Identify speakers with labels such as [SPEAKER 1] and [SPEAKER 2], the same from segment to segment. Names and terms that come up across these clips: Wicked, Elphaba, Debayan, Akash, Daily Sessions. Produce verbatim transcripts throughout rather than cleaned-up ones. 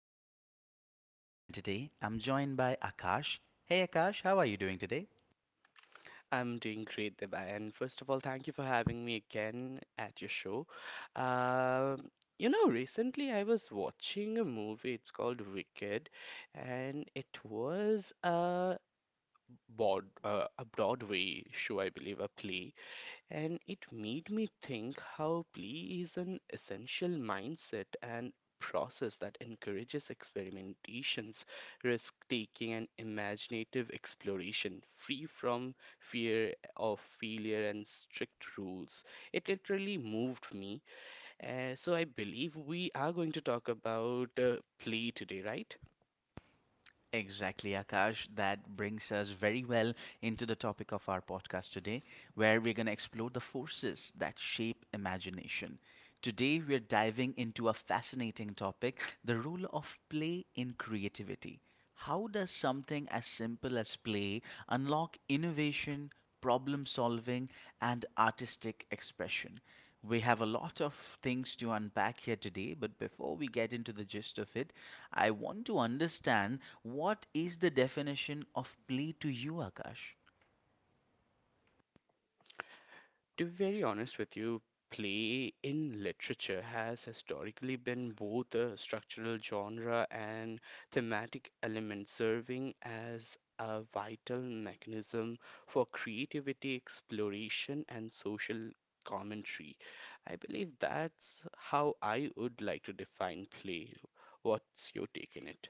[SPEAKER 1] I'm your host, Debayan, and today I'm joined by Akash. Hey, Akash, how are you doing today?
[SPEAKER 2] I'm doing great, Deba. And first of all, thank you for having me again at your show. Um, you know, recently I was watching a movie. It's called Wicked, and it was uh broad, uh, a Broadway show, I believe, a play, and it made me think how play is an essential mindset and process that encourages experimentations, risk taking, and imaginative exploration, free from fear of failure and strict rules. It literally moved me. Uh, so I believe we are going to talk about uh, play today, right?
[SPEAKER 1] Exactly, Akash. That brings us very well into the topic of our podcast today, where we're going to explore the forces that shape imagination. Today, we're diving into a fascinating topic, the role of play in creativity. How does something as simple as play unlock innovation, problem solving, and artistic expression? We have a lot of things to unpack here today, but before we get into the gist of it, I want to understand, what is the definition of play to you, Akash?
[SPEAKER 2] To be very honest with you, play in literature has historically been both a structural genre and thematic element, serving as a vital mechanism for creativity, exploration, and social commentary. I believe that's how I would like to define play. What's your take in it?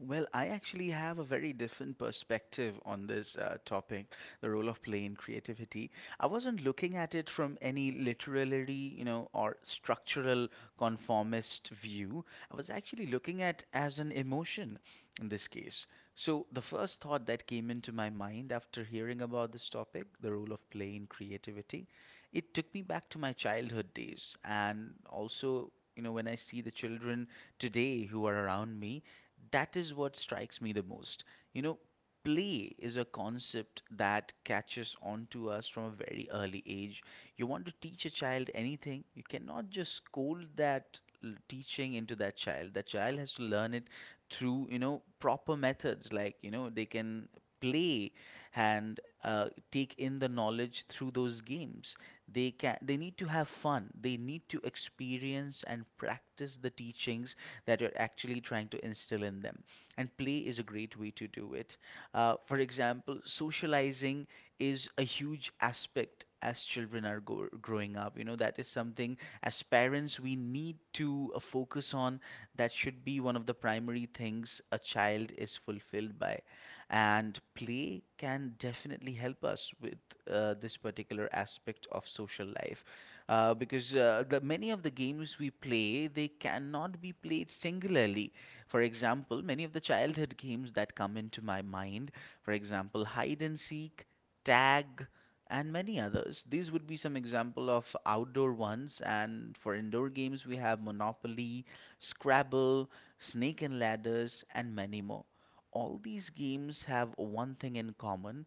[SPEAKER 1] Well, I actually have a very different perspective on this uh, topic, the role of play in creativity. I wasn't looking at it from any literary, you know, or structural conformist view. I was actually looking at as an emotion in this case. So the first thought that came into my mind after hearing about this topic, the role of play in creativity, it took me back to my childhood days and also, you know, when I see the children today who are around me, that is what strikes me the most. You know, play is a concept that catches on to us from a very early age. You want to teach a child anything, you cannot just scold that l- teaching into that child. That child has to learn it through, you know, proper methods like, you know, they can play and uh, take in the knowledge through those games. They can, they need to have fun, they need to experience and practice the teachings that you're actually trying to instill in them. And play is a great way to do it. Uh, for example, socializing is a huge aspect as children are go- growing up. You know, that is something as parents we need to uh, focus on. That should be one of the primary things a child is fulfilled by. And play can definitely help us with uh, this particular aspect of social life, uh, because uh, the many of the games we play, they cannot be played singularly. For example, many of the childhood games that come into my mind, for example, hide and seek, tag, and many others. These would be some example of outdoor ones, and for indoor games we have Monopoly, Scrabble, Snake and Ladders, and many more. All these games have one thing in common,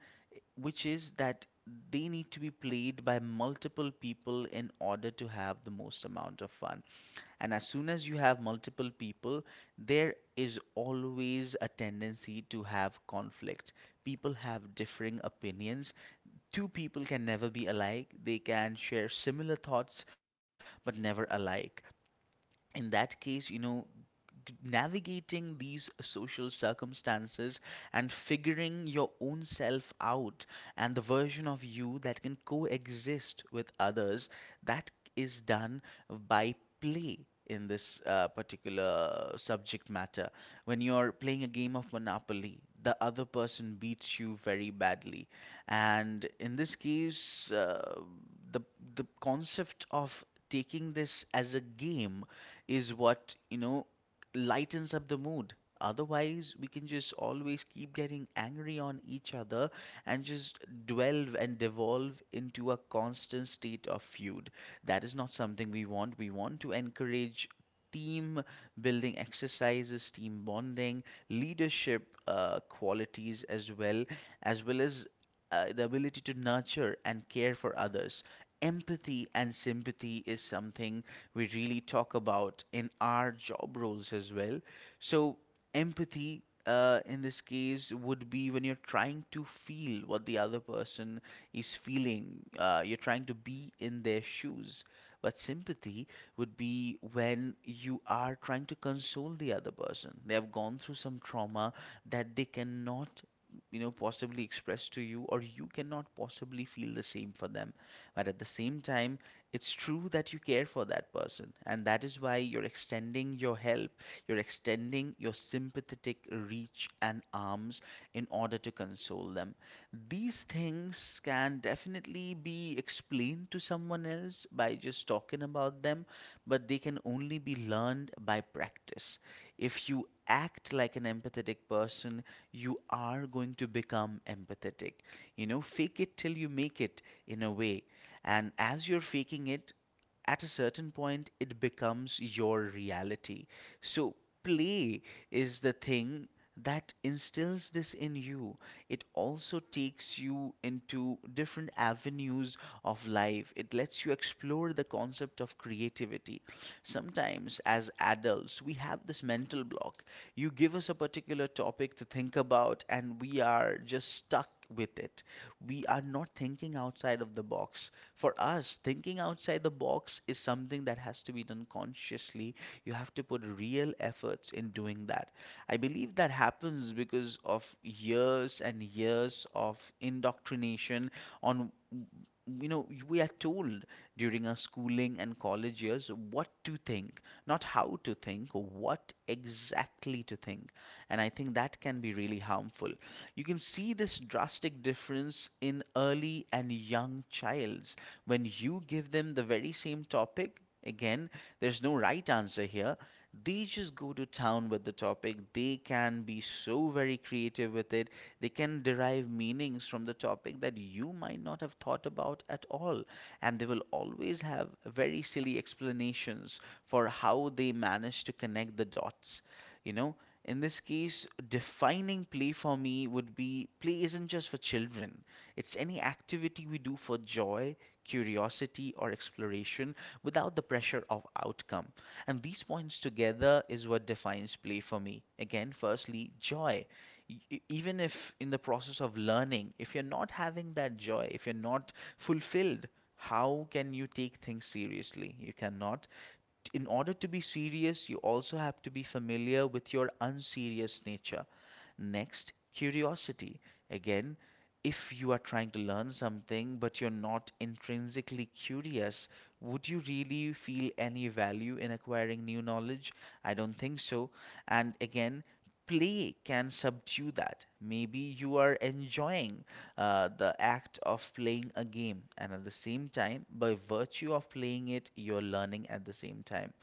[SPEAKER 1] which is that they need to be played by multiple people in order to have the most amount of fun. And as soon as you have multiple people, there is always a tendency to have conflict. People have differing opinions. Two people can never be alike. They can share similar thoughts but never alike. In that case, you know, g- navigating these social circumstances and figuring your own self out and the version of you that can coexist with others, that is done by play. In this uh, particular subject matter, when you're playing a game of Monopoly, the other person beats you very badly. And in this case, uh, the the concept of taking this as a game is what, you know, lightens up the mood. Otherwise, we can just always keep getting angry on each other and just dwell and devolve into a constant state of feud. That is not something we want. We want to encourage team building exercises, team bonding, leadership uh, qualities as well, as well as uh, the ability to nurture and care for others. Empathy and sympathy is something we really talk about in our job roles as well. So, empathy uh, in this case would be when you're trying to feel what the other person is feeling, uh, you're trying to be in their shoes. But sympathy would be when you are trying to console the other person. They have gone through some trauma that they cannot, you know, possibly express to you, or you cannot possibly feel the same for them, but at the same time, it's true that you care for that person, and that is why you're extending your help, you're extending your sympathetic reach and arms in order to console them. These things can definitely be explained to someone else by just talking about them, but they can only be learned by practice. If you act like an empathetic person, you are going to become empathetic. You know, fake it till you make it, in a way. And as you're faking it, at a certain point it becomes your reality. So play is the thing that instills this in you. It also takes you into different avenues of life. It lets you explore the concept of creativity. Sometimes, as adults, we have this mental block. You give us a particular topic to think about, and we are just stuck with it. We are not thinking outside of the box. For us, thinking outside the box is something that has to be done consciously. You have to put real efforts in doing that. I believe that happens because of years and years of indoctrination on, you know, we are told during our schooling and college years what to think, not how to think, what exactly to think. And I think that can be really harmful. You can see this drastic difference in early and young childs. When you give them the very same topic, again, there's no right answer here, they just go to town with the topic. They can be so very creative with it. They can derive meanings from the topic that you might not have thought about at all, and they will always have very silly explanations for how they manage to connect the dots, you know. In this case, defining play for me would be, play isn't just for children, it's any activity we do for joy, curiosity, or exploration without the pressure of outcome. And these points together is what defines play for me. Again, firstly, joy. E- e- Even if in the process of learning, if you're not having that joy, if you're not fulfilled, how can you take things seriously? You cannot. In order to be serious, you also have to be familiar with your unserious nature. Next, curiosity. Again, if you are trying to learn something but you're not intrinsically curious, would you really feel any value in acquiring new knowledge? I don't think so. And again, play can subdue that. Maybe you are enjoying uh, the act of playing a game, and at the same time, by virtue of playing it, you're learning at the same time.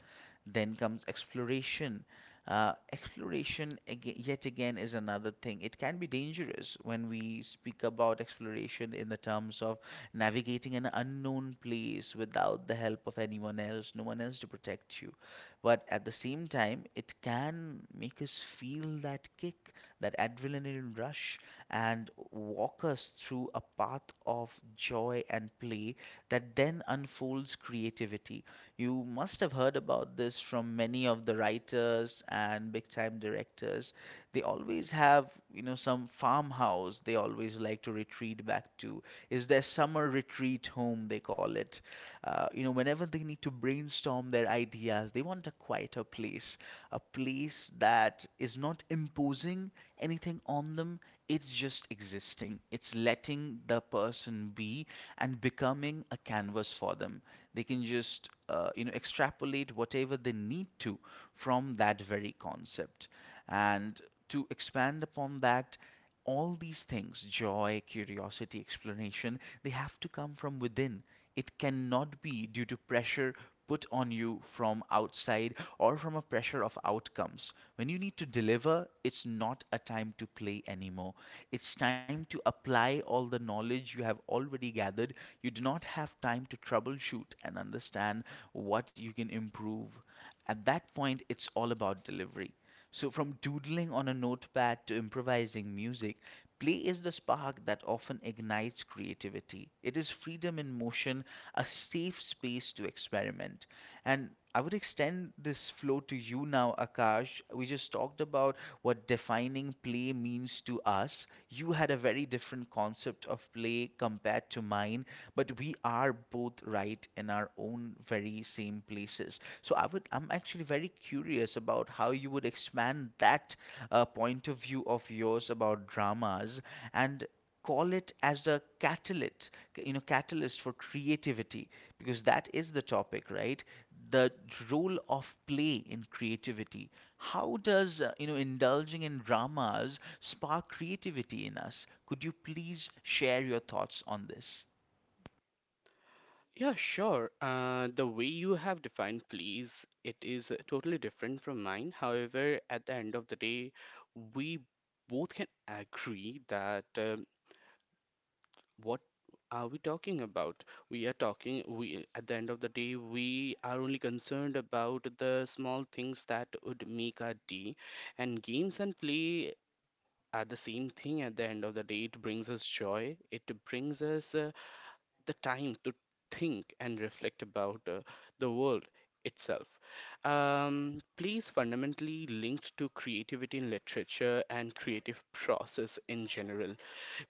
[SPEAKER 1] Then comes exploration. Uh, exploration, aga yet again, is another thing. It can be dangerous when we speak about exploration in the terms of navigating an unknown place without the help of anyone else, no one else to protect you. But at the same time, it can make us feel that kick, that adrenaline rush, and walk us through a path of joy and play that then unfolds creativity. You must have heard about this from many of the writers and big time directors. They always have, you know, some farmhouse they always like to retreat back to, is their summer retreat home, they call it. Uh, you know, whenever they need to brainstorm their ideas, they want a quieter place, a place that is not imposing anything on them. It's just existing. It's letting the person be and becoming a canvas for them. They can just, uh, you know, extrapolate whatever they need to from that very concept. And to expand upon that, all these things, joy, curiosity, exploration, they have to come from within. It cannot be due to pressure put on you from outside or from a pressure of outcomes. When you need to deliver, it's not a time to play anymore. It's time to apply all the knowledge you have already gathered. You do not have time to troubleshoot and understand what you can improve. At that point, it's all about delivery. So, from doodling on a notepad to improvising music, play is the spark that often ignites creativity. It is freedom in motion, a safe space to experiment. And I would extend this flow to you now, Akash. We just talked about what defining play means to us. You had a very different concept of play compared to mine, but we are both right in our own very same same places. So I would, I'm actually very curious about how you would expand that uh, point of view of yours about dramas and call it as a catalyst, you know, catalyst for creativity, because that is the topic, right? The role of play in creativity. How does, uh, you know, indulging in dramas spark creativity in us? Could you please share your thoughts on this?
[SPEAKER 2] Yeah, sure. Uh, the way you have defined please, it is uh, totally different from mine. However, at the end of the day, we both can agree that um what are we talking about? We are talking, we at the end of the day, we are only concerned about the small things that would make our day. And games and play are the same thing at the end of the day. It brings us joy. It brings us uh, the time to think and reflect about uh, the world itself. Um, please fundamentally linked to creativity in literature and creative process in general.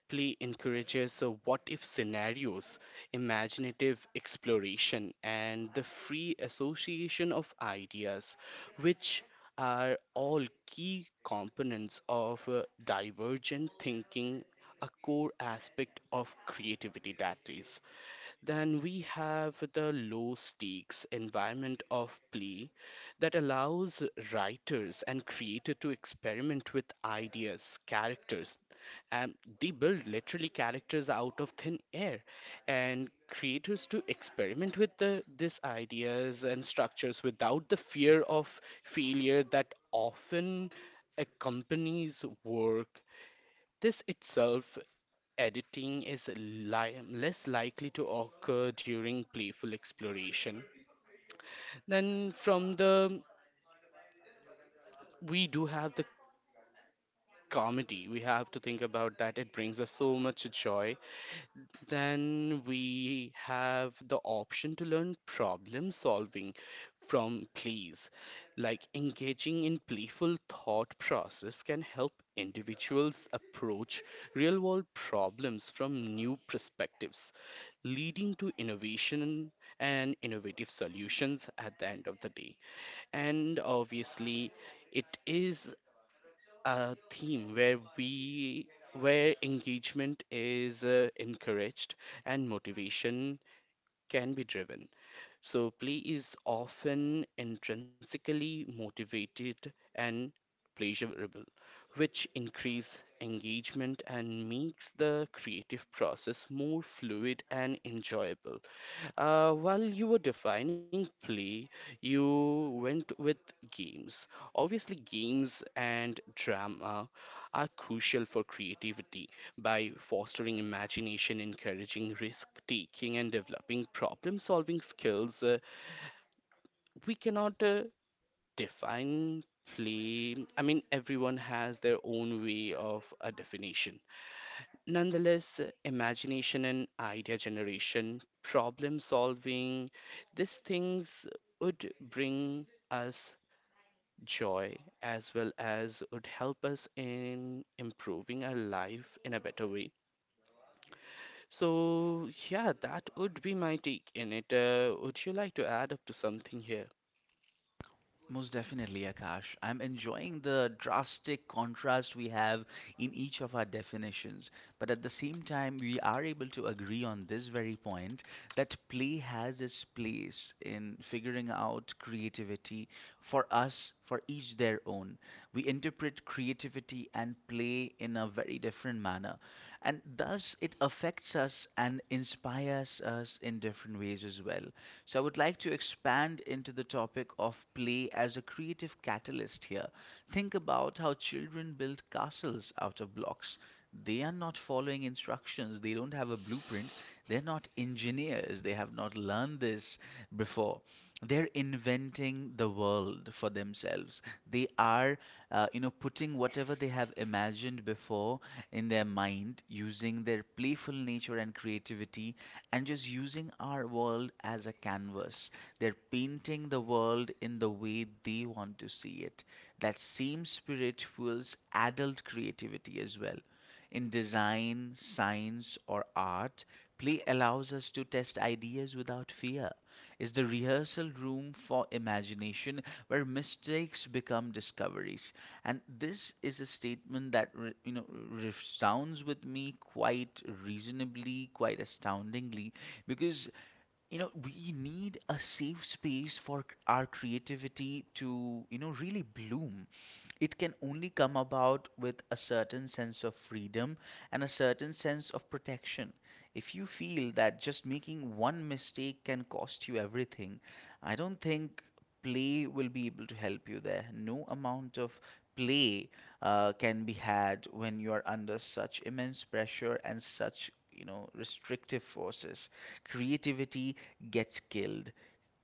[SPEAKER 2] Play encourages uh, what if scenarios, imaginative exploration, and the free association of ideas, which are all key components of uh, divergent thinking, a core aspect of creativity that is. Then we have the low stakes environment of play that allows writers and creators to experiment with ideas, characters, and they build literally characters out of thin air and creators to experiment with the these ideas and structures without the fear of failure that often accompanies work this itself, editing is li- less likely to occur during playful exploration. Then, from the we do have the comedy. We have to think about that. It brings us so much joy. Then we have the option to learn problem solving from plays. Like engaging in playful thought process can help individuals approach real world problems from new perspectives, leading to innovation and innovative solutions at the end of the day. And obviously, it is a theme where we where engagement is uh, encouraged and motivation can be driven. So play is often intrinsically motivated and pleasurable, which increase engagement and makes the creative process more fluid and enjoyable. Uh, while you were defining play, you went with games. Obviously, games and drama are crucial for creativity by fostering imagination, encouraging risk taking, and developing problem solving skills. Uh, we cannot uh, define play. I mean, everyone has their own way of a definition, nonetheless imagination and idea generation problem solving, these things would bring us joy as well as would help us in improving our life in a better way. So yeah, that would be my take in it. Uh, would you like to add up to something here?
[SPEAKER 1] Most definitely, Akash. I'm enjoying the drastic contrast we have in each of our definitions. But at the same time, we are able to agree on this very point that play has its place in figuring out creativity for us, for each their own. We interpret creativity and play in a very different manner, and thus it affects us and inspires us in different ways as well. So I would like to expand into the topic of play as a creative catalyst here. Think about how children build castles out of blocks. They are not following instructions, they don't have a blueprint, they're not engineers, they have not learned this before. Sure, they're inventing the world for themselves. They are uh, you know putting whatever they have imagined before in their mind, using their playful nature and creativity, and just using our world as a canvas. They're painting the world in the way they want to see it. That same spirit fuels adult creativity as well. In design, science, or art, play allows us to test ideas without fear. It's the rehearsal room for imagination, where mistakes become discoveries. And this is a statement that re- you know resounds with me quite reasonably, quite astoundingly, because you know we need a safe space for c- our creativity to you know really bloom. It can only come about with a certain sense of freedom and a certain sense of protection. If you feel that just making one mistake can cost you everything, I don't think play will be able to help you there. No amount of play uh, can be had when you are under such immense pressure and such, you know restrictive forces. Creativity gets killed.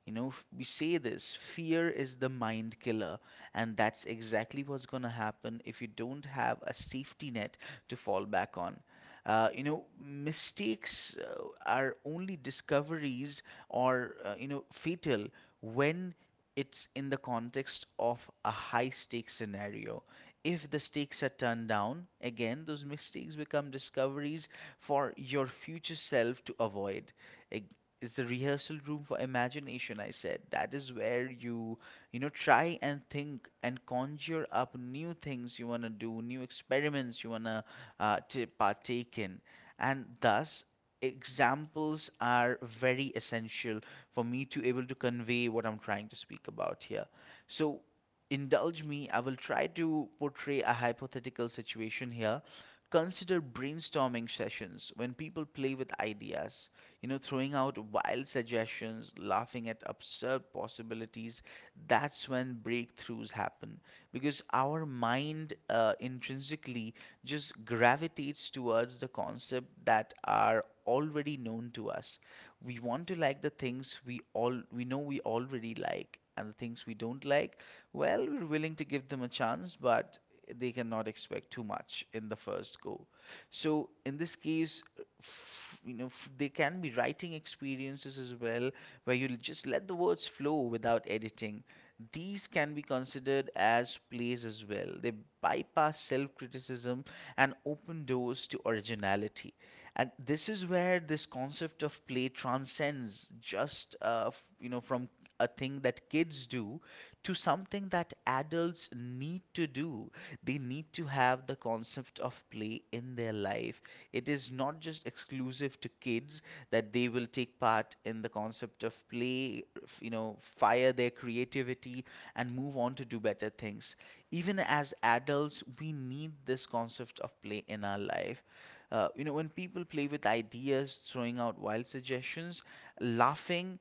[SPEAKER 1] You know, f- we say this, fear is the mind killer, and that's exactly what's going to happen if you don't have a safety net to fall back on. Uh, you know, mistakes uh, are only discoveries or, uh, you know, fatal when it's in the context of a high stakes scenario. If the stakes are turned down, again, those mistakes become discoveries for your future self to avoid. Ag- is the rehearsal room for imagination, I said, that is where you you know try and think and conjure up new things you want to do, new experiments you want to uh, to partake in. And thus examples are very essential for me to able to convey what I'm trying to speak about here. So indulge me, I will try to portray a hypothetical situation here. Consider brainstorming sessions when people play with ideas, you know, throwing out wild suggestions, laughing at absurd possibilities. That's when breakthroughs happen. Because our mind uh, intrinsically just gravitates towards the concept that are already known to us. We want to like the things we all we know we already like, and the things we don't like, well, we're willing to give them a chance, but they cannot expect too much in the first go. So in this case, f- you know, f- they can be writing experiences as well, where you just let the words flow without editing. These can be considered as plays as well. They bypass self-criticism and open doors to originality. And this is where this concept of play transcends just, uh, f- you know, from a thing that kids do to something that adults need to do. They need to have the concept of play in their life. It is not just exclusive to kids that they will take part in the concept of play, you know, fire their creativity and move on to do better things. Even as adults, we need this concept of play in our life. uh, you know, when people play with ideas, throwing out wild suggestions, laughing,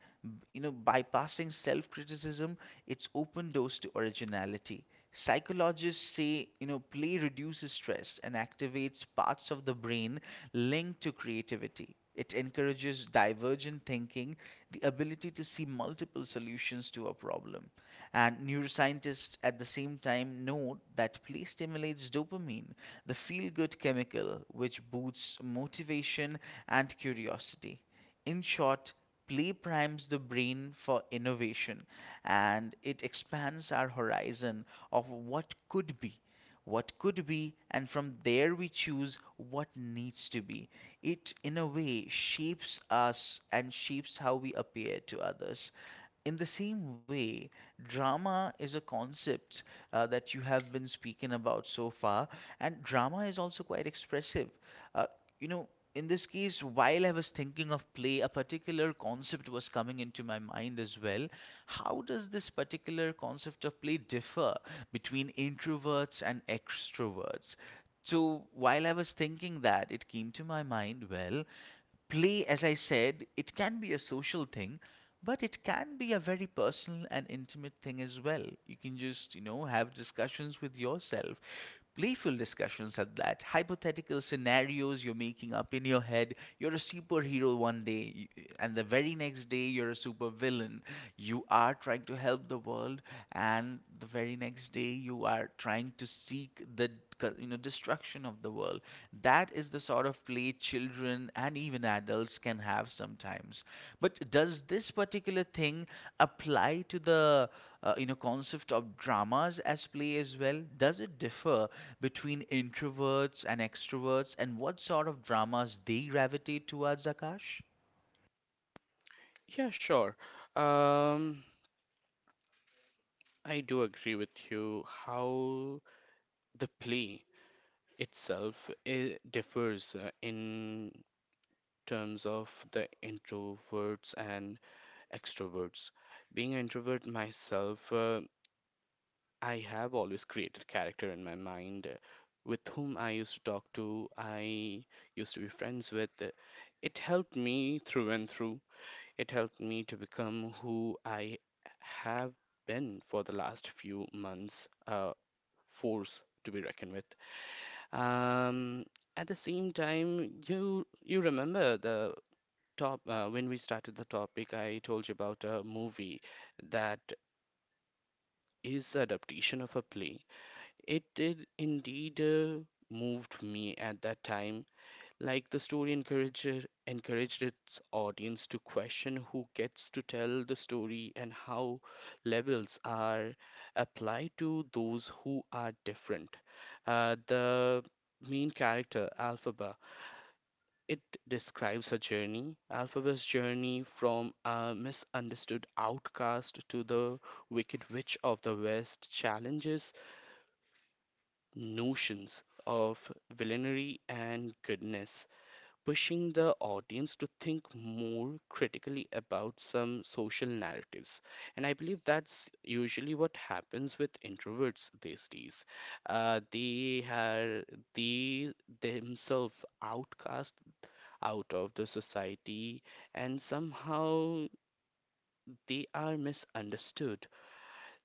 [SPEAKER 1] you know, bypassing self criticism, it's open doors to originality. Psychologists say, you know, play reduces stress and activates parts of the brain linked to creativity. It encourages divergent thinking, the ability to see multiple solutions to a problem. And neuroscientists at the same time note that play stimulates dopamine, the feel good chemical which boosts motivation and curiosity. In short, play primes the brain for innovation and it expands our horizon of what could be. What could be, and from there we choose what needs to be. It, in a way, shapes us and shapes how we appear to others. In the same way, drama is a concept uh, that you have been speaking about so far, and drama is also quite expressive. Uh, you know, in this case, while I was thinking of play, a particular concept was coming into my mind as well. How does this particular concept of play differ between introverts and extroverts? So while I was thinking that, it came to my mind, well, play, as I said, it can be a social thing, but it can be a very personal and intimate thing as well. You can just, you know, have discussions with yourself, playful discussions at that, hypothetical scenarios you're making up in your head. You're a superhero one day, y- and the very next day, you're a supervillain. You are trying to help the world, and the very next day, you are trying to seek the, you know destruction of the world. That is the sort of play children and even adults can have sometimes. But does this particular thing apply to the, uh, you know concept of dramas as play as well? Does it differ between introverts and extroverts, and what sort of dramas they gravitate towards, Akash?
[SPEAKER 2] Yeah, sure. um I do agree with you how the play itself I differs uh, in terms of the introverts and extroverts. Being an introvert myself, uh, I have always created character in my mind uh, with whom I used to talk to, I used to be friends with. It helped me through and through. It helped me to become who I have been for the last few months. Uh, force to be reckoned with. Um, at the same time, you you remember the top uh, when we started the topic, I told you about a movie that is adaptation of a play. It did indeed uh, moved me at that time, like the story encourager encouraged its audience to question who gets to tell the story and how labels are applied to those who are different. Uh, the main character, Alphaba, it describes her journey, Alphaba's journey from a misunderstood outcast to the Wicked Witch of the West, challenges notions of villainy and goodness, pushing the audience to think more critically about some social narratives. And I believe that's usually what happens with introverts these days. Uh, they are they themselves outcast out of the society, and somehow they are misunderstood.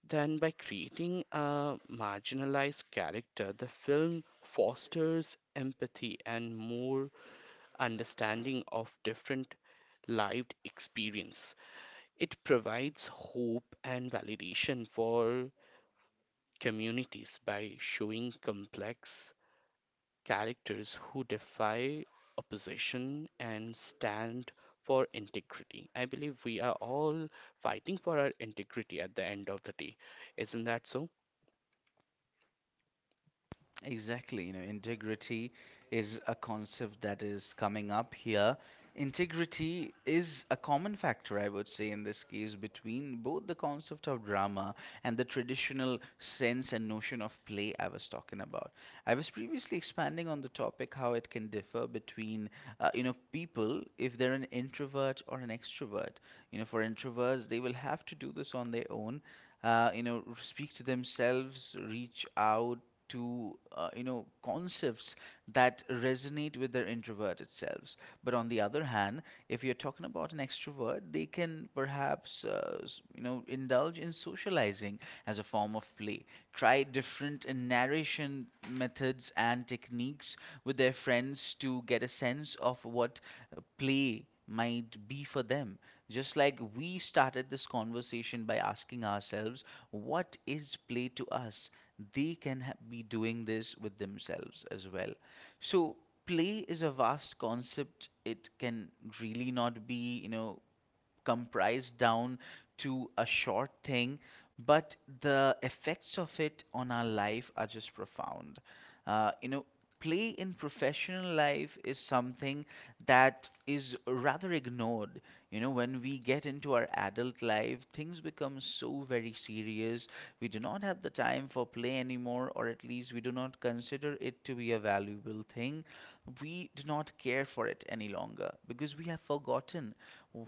[SPEAKER 2] Then, by creating a marginalized character, the film fosters empathy and more understanding of different lived experience. It provides hope and validation for communities by showing complex characters who defy opposition and stand for integrity. I believe we are all fighting for our integrity at the end of the day. Isn't that so?
[SPEAKER 1] Exactly, you know, integrity is a concept that is coming up here. Integrity is a common factor, I would say, in this case, between both the concept of drama and the traditional sense and notion of play I was talking about. I was previously expanding on the topic how it can differ between, uh, you know, people if they're an introvert or an extrovert. You know, for introverts, they will have to do this on their own, uh, you know, speak to themselves, reach out to uh, you know concepts that resonate with their introverted selves. But on the other hand, if you're talking about an extrovert, they can perhaps uh, s- you know indulge in socializing as a form of play, try different uh, narration methods and techniques with their friends to get a sense of what uh, play might be for them. Just like we started this conversation by asking ourselves, what is play to us, they can ha- be doing this with themselves as well. So play is a vast concept. It can really not be, you know, comprised down to a short thing, but the effects of it on our life are just profound. Uh, you know, play in professional life is something that is rather ignored. You know, when we get into our adult life, things become so very serious. We do not have the time for play anymore, or at least we do not consider it to be a valuable thing. We do not care for it any longer because we have forgotten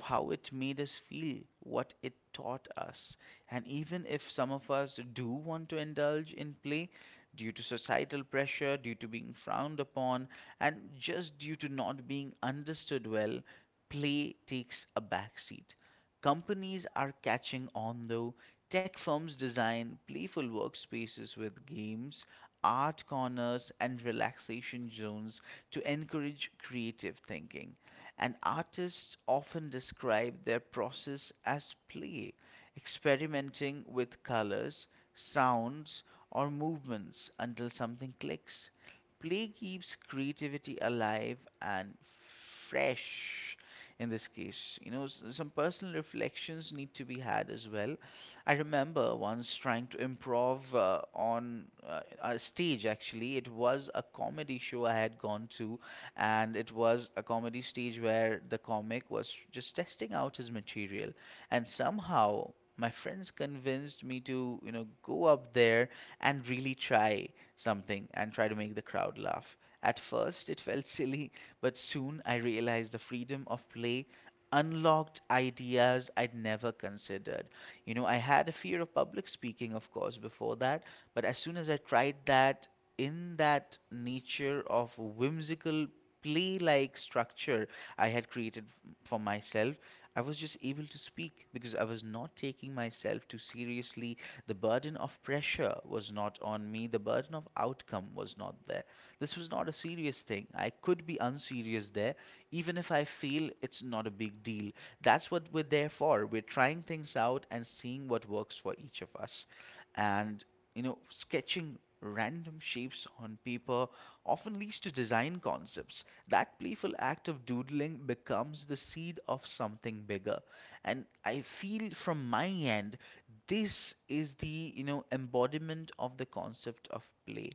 [SPEAKER 1] how it made us feel, what it taught us. And even if some of us do want to indulge in play due to societal pressure, due to being frowned upon, and just due to not being understood well, play takes a backseat. Companies are catching on though. Tech firms design playful workspaces with games, art corners, and relaxation zones to encourage creative thinking, and artists often describe their process as play, experimenting with colors, sounds, or movements until something clicks. Play keeps creativity alive and fresh in this case. You know, s- some personal reflections need to be had as well. I remember once trying to improv uh, on uh, a stage, actually. It was a comedy show I had gone to, and it was a comedy stage where the comic was just testing out his material, and somehow my friends convinced me to, you know go up there and really try something, and try to make the crowd laugh. At first it felt silly, but soon I realized the freedom of play unlocked ideas I'd never considered. You know, I had a fear of public speaking, of course, before that, but as soon as I tried that, in that nature of whimsical, play like structure I had created f- for myself, I was just able to speak because I was not taking myself too seriously. The burden of pressure was not on me, the burden of outcome was not there. This was not a serious thing. I could be unserious there. Even if I fail, it's not a big deal. That's what we're there for. We're trying things out and seeing what works for each of us. And, you know, sketching random shapes on paper often leads to design concepts. That playful act of doodling becomes the seed of something bigger. And I feel from my end, this is the, you know, embodiment of the concept of play.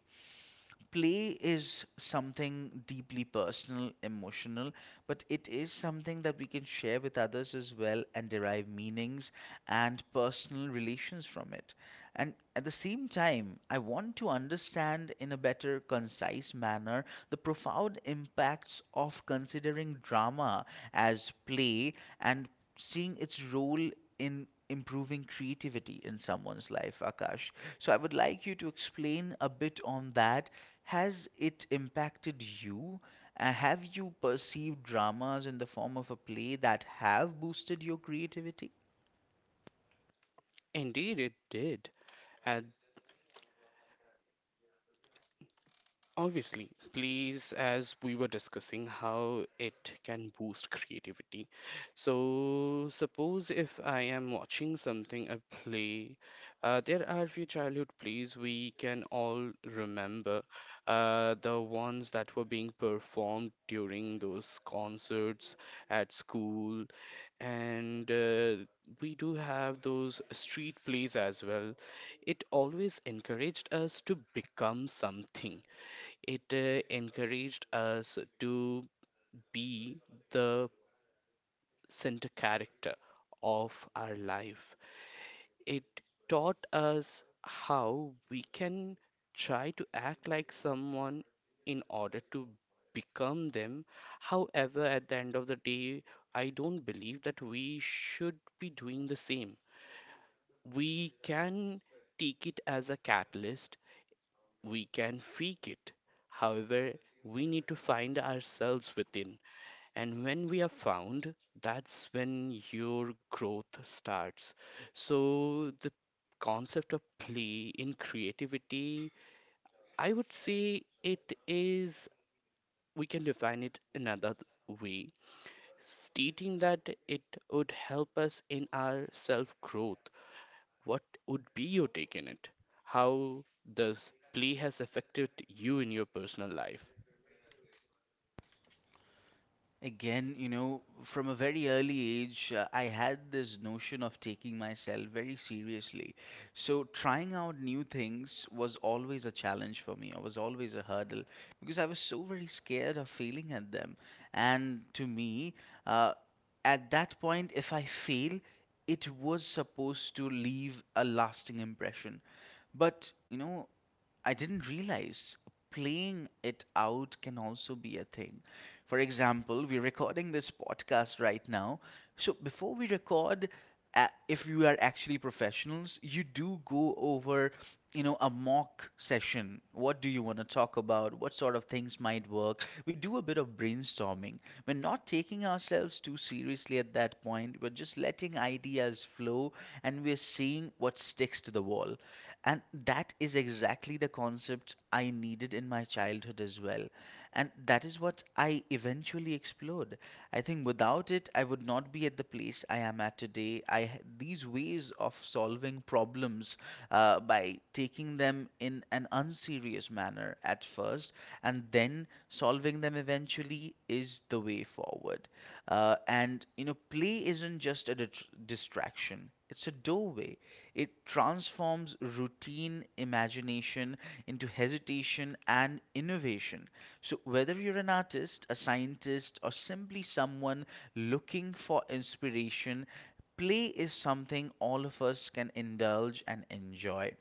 [SPEAKER 1] Play is something deeply personal, emotional, but it is something that we can share with others as well and derive meanings and personal relations from it. And at the same time, I want to understand in a better, concise manner the profound impacts of considering drama as play and seeing its role in improving creativity in someone's life, Akash. So I would like you to explain a bit on that. Has it impacted you? Uh, have you perceived dramas in the form of a play that have boosted your creativity?
[SPEAKER 2] Indeed, it did. At Obviously, plays, as we were discussing, how it can boost creativity. So, suppose if I am watching something, a play, uh, there are few childhood plays we can all remember, uh, the ones that were being performed during those concerts at school, and uh, we do have those street plays as well. It always encouraged us to become something. It uh, encouraged us to be the center character of our life. It taught us how we can try to act like someone in order to become them. However, at the end of the day, I don't believe that we should be doing the same. We can take it as a catalyst, we can fake it. However, we need to find ourselves within. And when we are found, that's when your growth starts. So, the concept of play in creativity, I would say it is, we can define it another way, stating that it would help us in our self growth. What would be your take in it? How does play has affected you in your personal life?
[SPEAKER 1] Again, you know, from a very early age, uh, I had this notion of taking myself very seriously. So, trying out new things was always a challenge for me. I was always a hurdle because I was so very scared of failing at them. And to me, uh, at that point, if I fail, it was supposed to leave a lasting impression. But, you know, I didn't realize playing it out can also be a thing. For example, we're recording this podcast right now. So before we record, a- if you are actually professionals, you do go over, you know, a mock session. What do you want to talk about? What sort of things might work? We do a bit of brainstorming. We're not taking ourselves too seriously at that point. We're just letting ideas flow, and we're seeing what sticks to the wall. And that is exactly the concept I needed in my childhood as well. And that is what I eventually explored. I think without it, I would not be at the place I am at today. I h- these ways of solving problems, uh, by taking them in an unserious manner at first and then solving them eventually, is the way forward. Uh, and you know, play isn't just a dit- distraction; it's a doorway. It transforms routine imagination into hesitation and innovation. So, whether you're an artist, a scientist, or simply someone looking for inspiration, play is something all of us can indulge and enjoy.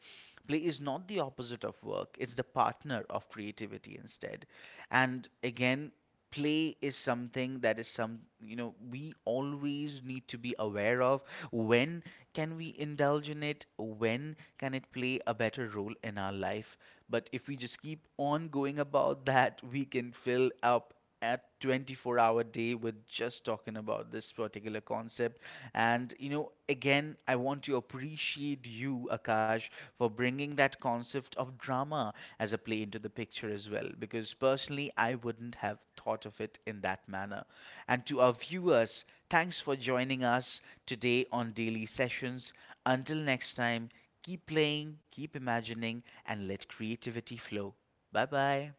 [SPEAKER 1] Play is not the opposite of work, it's the partner of creativity instead. And again, play is something that is some, you know we always need to be aware of. When can we indulge in it? When can it play a better role in our life? But if we just keep on going about that, we can fill up a twenty-four hour day with just talking about this particular concept. And you know, again, I want to appreciate you, Akash, for bringing that concept of drama as a play into the picture as well, because personally, I wouldn't have thought of it in that manner. And to our viewers, thanks for joining us today on Daily Sessions. Until next time, keep playing, keep imagining, and let creativity flow. Bye bye.